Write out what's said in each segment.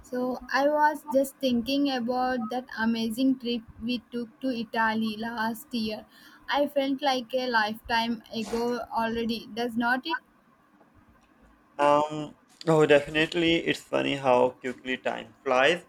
So I was just thinking about that amazing trip we took to Italy last year. I felt like a lifetime ago already, does not it? Um, oh, definitely. It's funny how quickly time flies.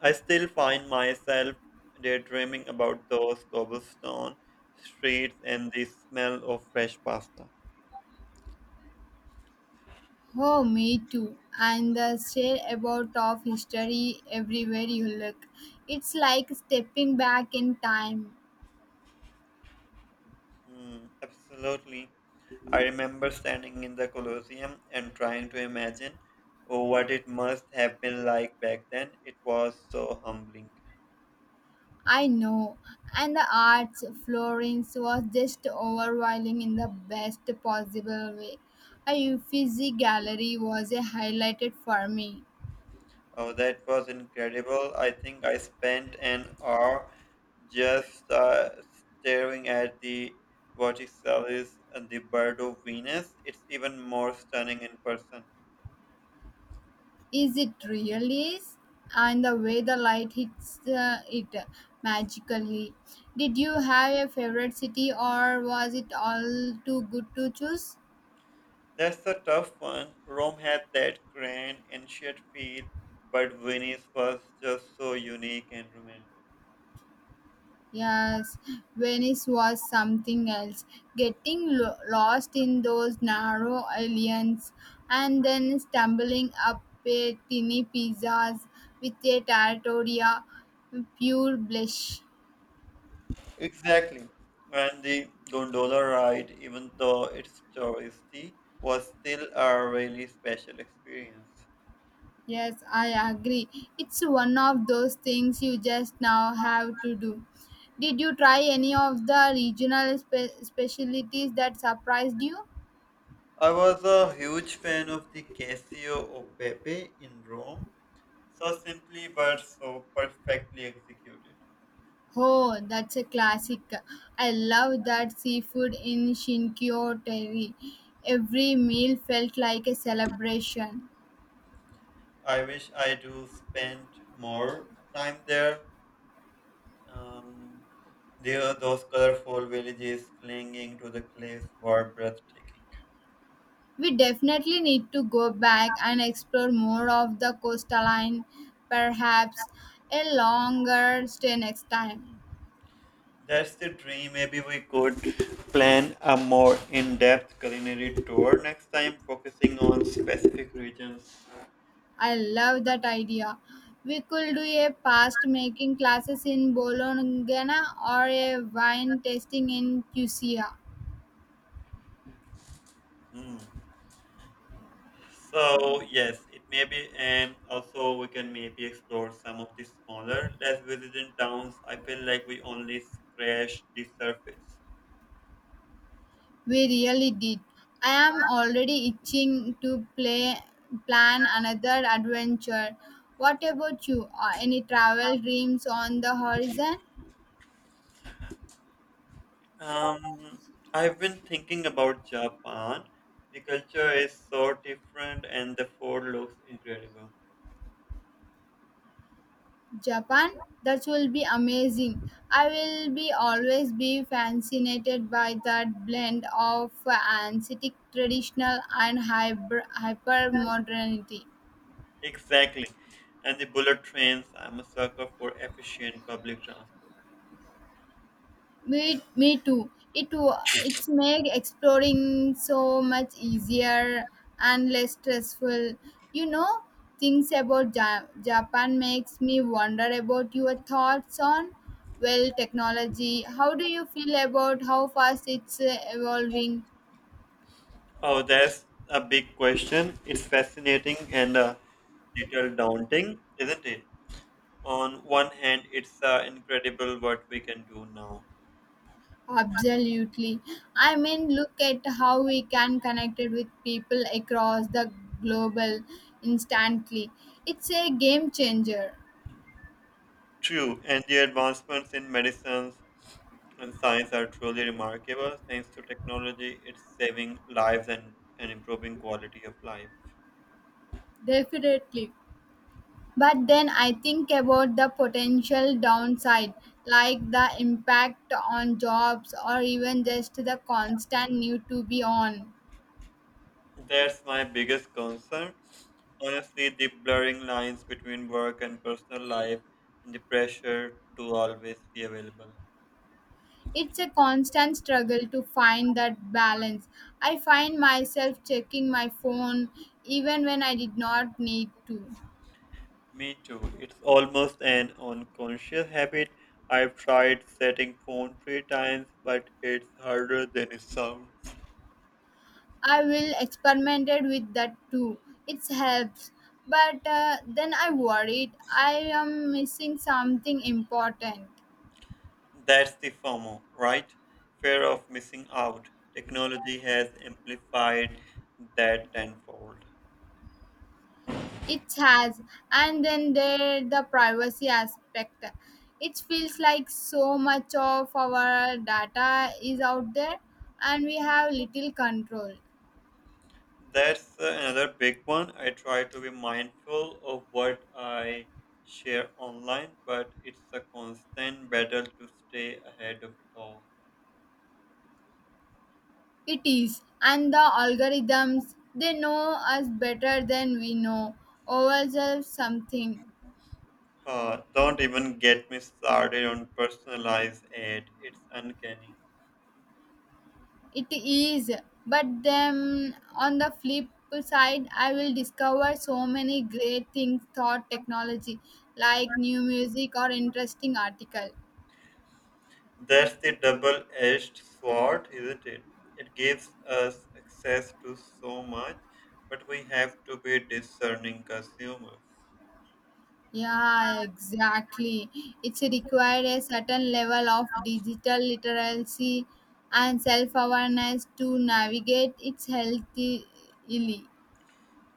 I still find myself daydreaming about those cobblestone streets and the smell of fresh pasta. Oh, me too. And the sheer amount of history everywhere you look. It's like stepping back in time. Hmm, absolutely. I remember standing in the Colosseum and trying to imagine what it must have been like back then. It was so humbling. I know. And the arts, Florence was just overwhelming in the best possible way. A Uffizi gallery was a highlighted for me. Oh, that was incredible. I think I spent an hour just staring at the vertices and the bird of Venus. It's even more stunning in person. Is it really is, and the way the light hits it magically. Did you have a favorite city, or was it all too good to choose? That's a tough one. Rome had that grand ancient feel, but Venice was just so unique and romantic. Yes, Venice was something else. Getting lost in those narrow islands and then stumbling up a tiny pizzas with a territoria, pure bliss. Exactly. And the gondola ride, even though it's touristy, was still a really special experience. Yes, I agree. It's one of those things you just now have to do. Did you try any of the regional specialties that surprised you? I was a huge fan of the Casio of Pepe in Rome. So simply but so perfectly executed. Oh, that's a classic. I love that seafood in Shinkyo Terry. Every meal felt like a celebration. I wish I do spend more time there. Um, there, those colorful villages clinging to the cliffs were breathtaking. We definitely need to go back and explore more of the coastline, perhaps a longer stay next time. That's the dream. Maybe we could plan a more in-depth culinary tour next time, focusing on specific regions. I love that idea. We could do a past making classes in Bologna or a wine tasting in Cusia. Hmm. So yes, it may be, and also we can maybe explore some of the smaller, less visited towns. I feel like we only scratch the surface. We really did. I am already itching to play plan another adventure. What about you? Are any travel dreams on the horizon? Um, I've been thinking about Japan. The culture is so different, and the food looks incredible. Japan? That will be amazing. I will be always be fascinated by that blend of ancient traditional and hyper modernity. Exactly, and the bullet trains. I'm a sucker for efficient public transport. Me too. It's made exploring so much easier and less stressful. You know, things about Japan makes me wonder about your thoughts on, well, technology. How do you feel about how fast it's evolving? Oh, that's a big question. It's fascinating and a little daunting, isn't it? On one hand, it's incredible what we can do now. Absolutely. I mean, look at how we can connect it with people across the global instantly. It's a game changer, True, and the advancements in medicines and science are truly remarkable. Thanks to technology, it's saving lives and improving quality of life. definitely. But then I think about the potential downside, like the impact on jobs or even just the constant need to be on. That's my biggest concern. Honestly, the blurring lines between work and personal life and the pressure to always be available. It's a constant struggle to find that balance. I find myself checking my phone even when I did not need to. Me too. It's almost an unconscious habit. I've tried setting phone three times, but it's harder than it sounds. I will experimented with that too. It helps, but then I worried I am missing something important. That's the FOMO, right? Fear of missing out. Technology has amplified that tenfold. It has, and then there the privacy aspect. It feels like so much of our data is out there, and we have little control. That's another big one. I try to be mindful of what I share online, but it's a constant battle to stay ahead of it all. It is, and the algorithms they know us better than we know ourselves something. Don't even get me started on personalized aid. It's uncanny. It is, but then on the flip side, I will discover so many great things thought technology, like new music or interesting article. That's the double edged sword, isn't it? It gives us access to so much, but we have to be discerning consumers. Yeah, exactly. It's required a certain level of digital literacy and self awareness to navigate its healthily.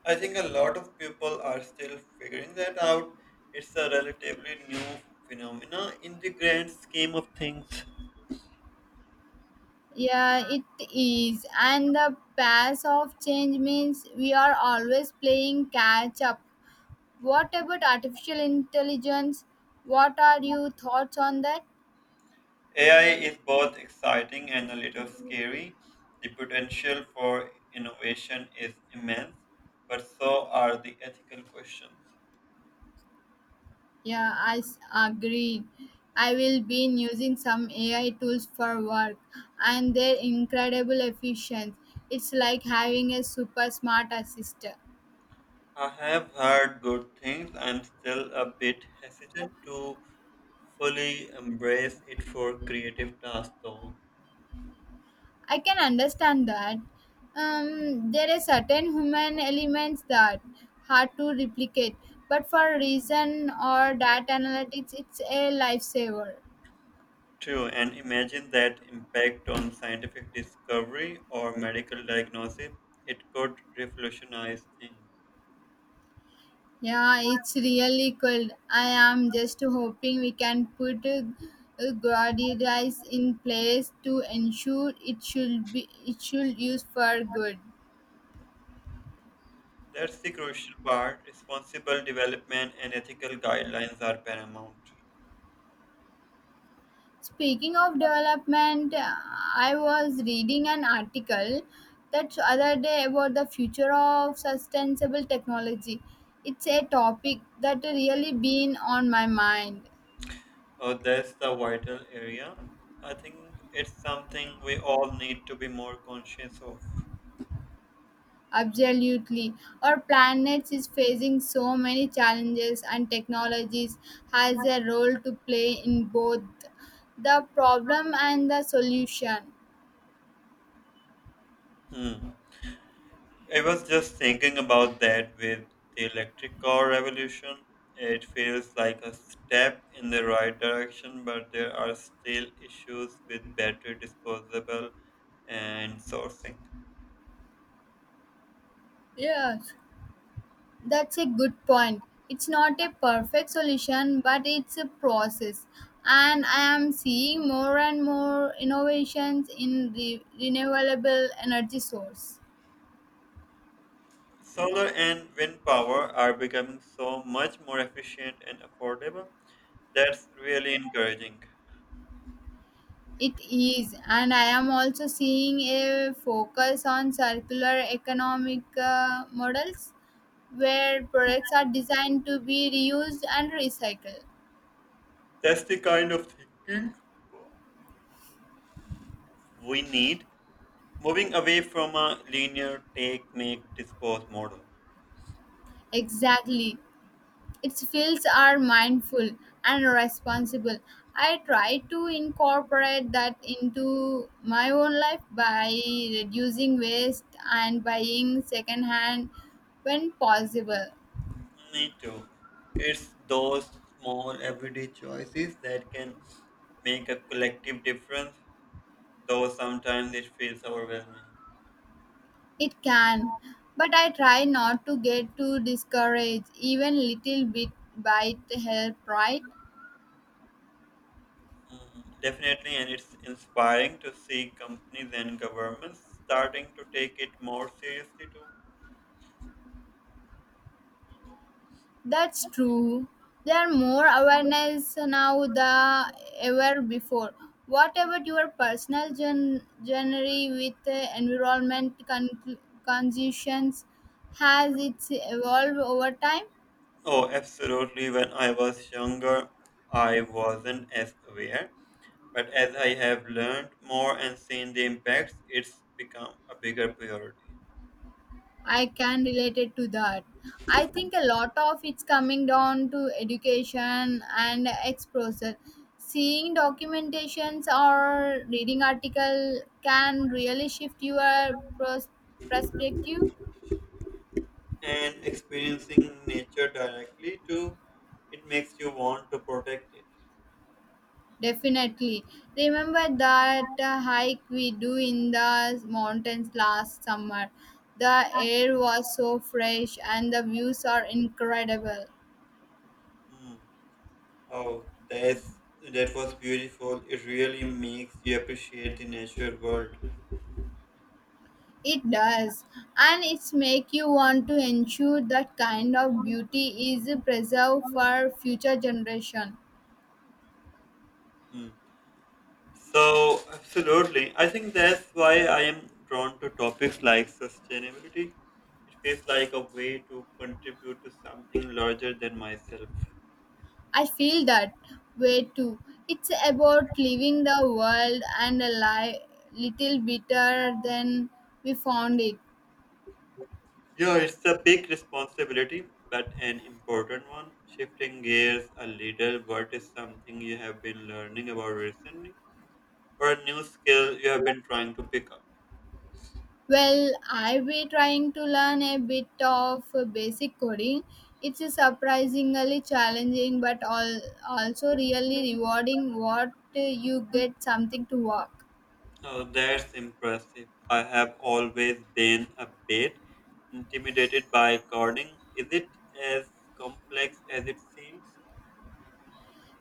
I think a lot of people are still figuring that out. It's a relatively new phenomena in the grand scheme of things. Yeah, it is. And the pace of change means we are always playing catch up. What about artificial intelligence? What are your thoughts on that? AI is both exciting and a little scary. The potential for innovation is immense, but so are the ethical questions. Yeah, agree. I will be using some AI tools for work and they're incredible efficient. It's like having a super smart assistant. I have heard good things. I'm still a bit hesitant to fully embrace it for creative tasks, though. I can understand that. There are certain human elements that hard to replicate, but for reason or data analytics, it's a lifesaver. True, and imagine that impact on scientific discovery or medical diagnosis. It could revolutionize things. Yeah, it's really cold. I am just hoping we can put Gaudi in place to ensure it should use for good. That's the crucial part. Responsible development and ethical guidelines are paramount. Speaking of development, I was reading an article that other day about the future of sustainable technology. It's a topic that really been on my mind. Oh, that's the vital area. I think it's something we all need to be more conscious of. Absolutely. Our planet is facing so many challenges, and technologies has a role to play in both the problem and the solution. Hmm. I was just thinking about that with the electric car revolution. It feels like a step in the right direction, but there are still issues with battery disposable and sourcing. Yes, that's a good point. It's not a perfect solution, but it's a process. And I am seeing more and more innovations in the renewable energy source. Solar and wind power are becoming so much more efficient and affordable. That's really encouraging. It is, and I am also seeing a focus on circular economic models where products are designed to be reused and recycled. That's the kind of thinking we need. Moving away from a linear take, make, dispose model. Exactly. Its fields are mindful and responsible. I try to incorporate that into my own life by reducing waste and buying secondhand when possible. Me too. It's those small everyday choices that can make a collective difference, though sometimes it feels overwhelming. It can, but I try not to get too discouraged, even little bit bite help, right? Mm, definitely, and it's inspiring to see companies and governments starting to take it more seriously too. That's true. There are more awareness now than ever before. What about your personal journey with environment conditions? Has it evolved over time? Oh, absolutely. When I was younger, I wasn't as aware, but as I have learned more and seen the impacts, it's become a bigger priority. I can relate it to that. I think a lot of it's coming down to education and exposure. Seeing documentations or reading article can really shift your perspective. And experiencing nature directly too, it makes you want to protect it. Definitely. Remember that hike we do in the mountains last summer. The air was so fresh and the views are incredible. Hmm. Oh, that was beautiful. It really makes you appreciate the natural world. It does, and it's make you want to ensure that kind of beauty is preserved for future generation. Hmm. So, absolutely. I think that's why I am drawn to topics like sustainability. It feels like a way to contribute to something larger than myself. I feel that way too. It's about leaving the world and a little better than we found it. Yeah, it's a big responsibility, but an important one. Shifting gears a little, what is something you have been learning about recently? Or a new skill you have been trying to pick up. Well, I be trying to learn a bit of basic coding. It's surprisingly challenging, but also really rewarding. What you get something to work. Oh, that's impressive. I have always been a bit intimidated by coding. Is it as complex as it seems?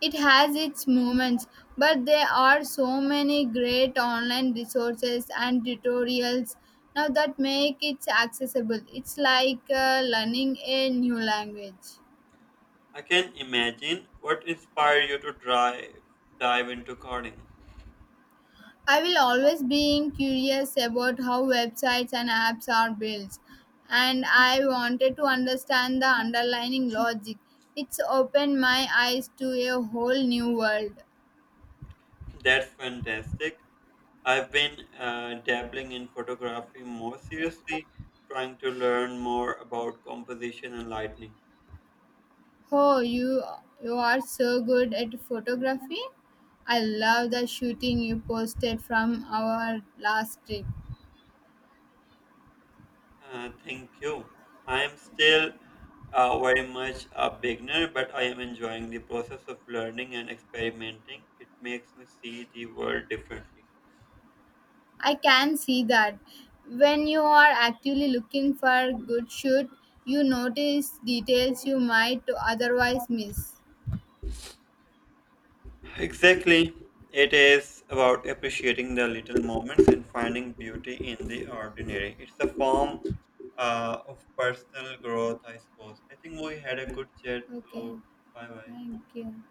It has its moments, but there are so many great online resources and tutorials now that make it accessible. It's like learning a new language. I can imagine what inspired you to drive, dive into coding. I will always be curious about how websites and apps are built, and I wanted to understand the underlying logic. It's opened my eyes to a whole new world. That's fantastic. I've been dabbling in photography more seriously, trying to learn more about composition and lighting. Oh, you are so good at photography. I love the shooting you posted from our last trip. Thank you. I am still very much a beginner, but I am enjoying the process of learning and experimenting. It makes me see the world differently. I can see that when you are actively looking for a good shoot, you notice details you might otherwise miss. Exactly. It is about appreciating the little moments and finding beauty in the ordinary. It's a form of personal growth, I suppose. I think we had a good chat, Okay, so bye bye. thank you.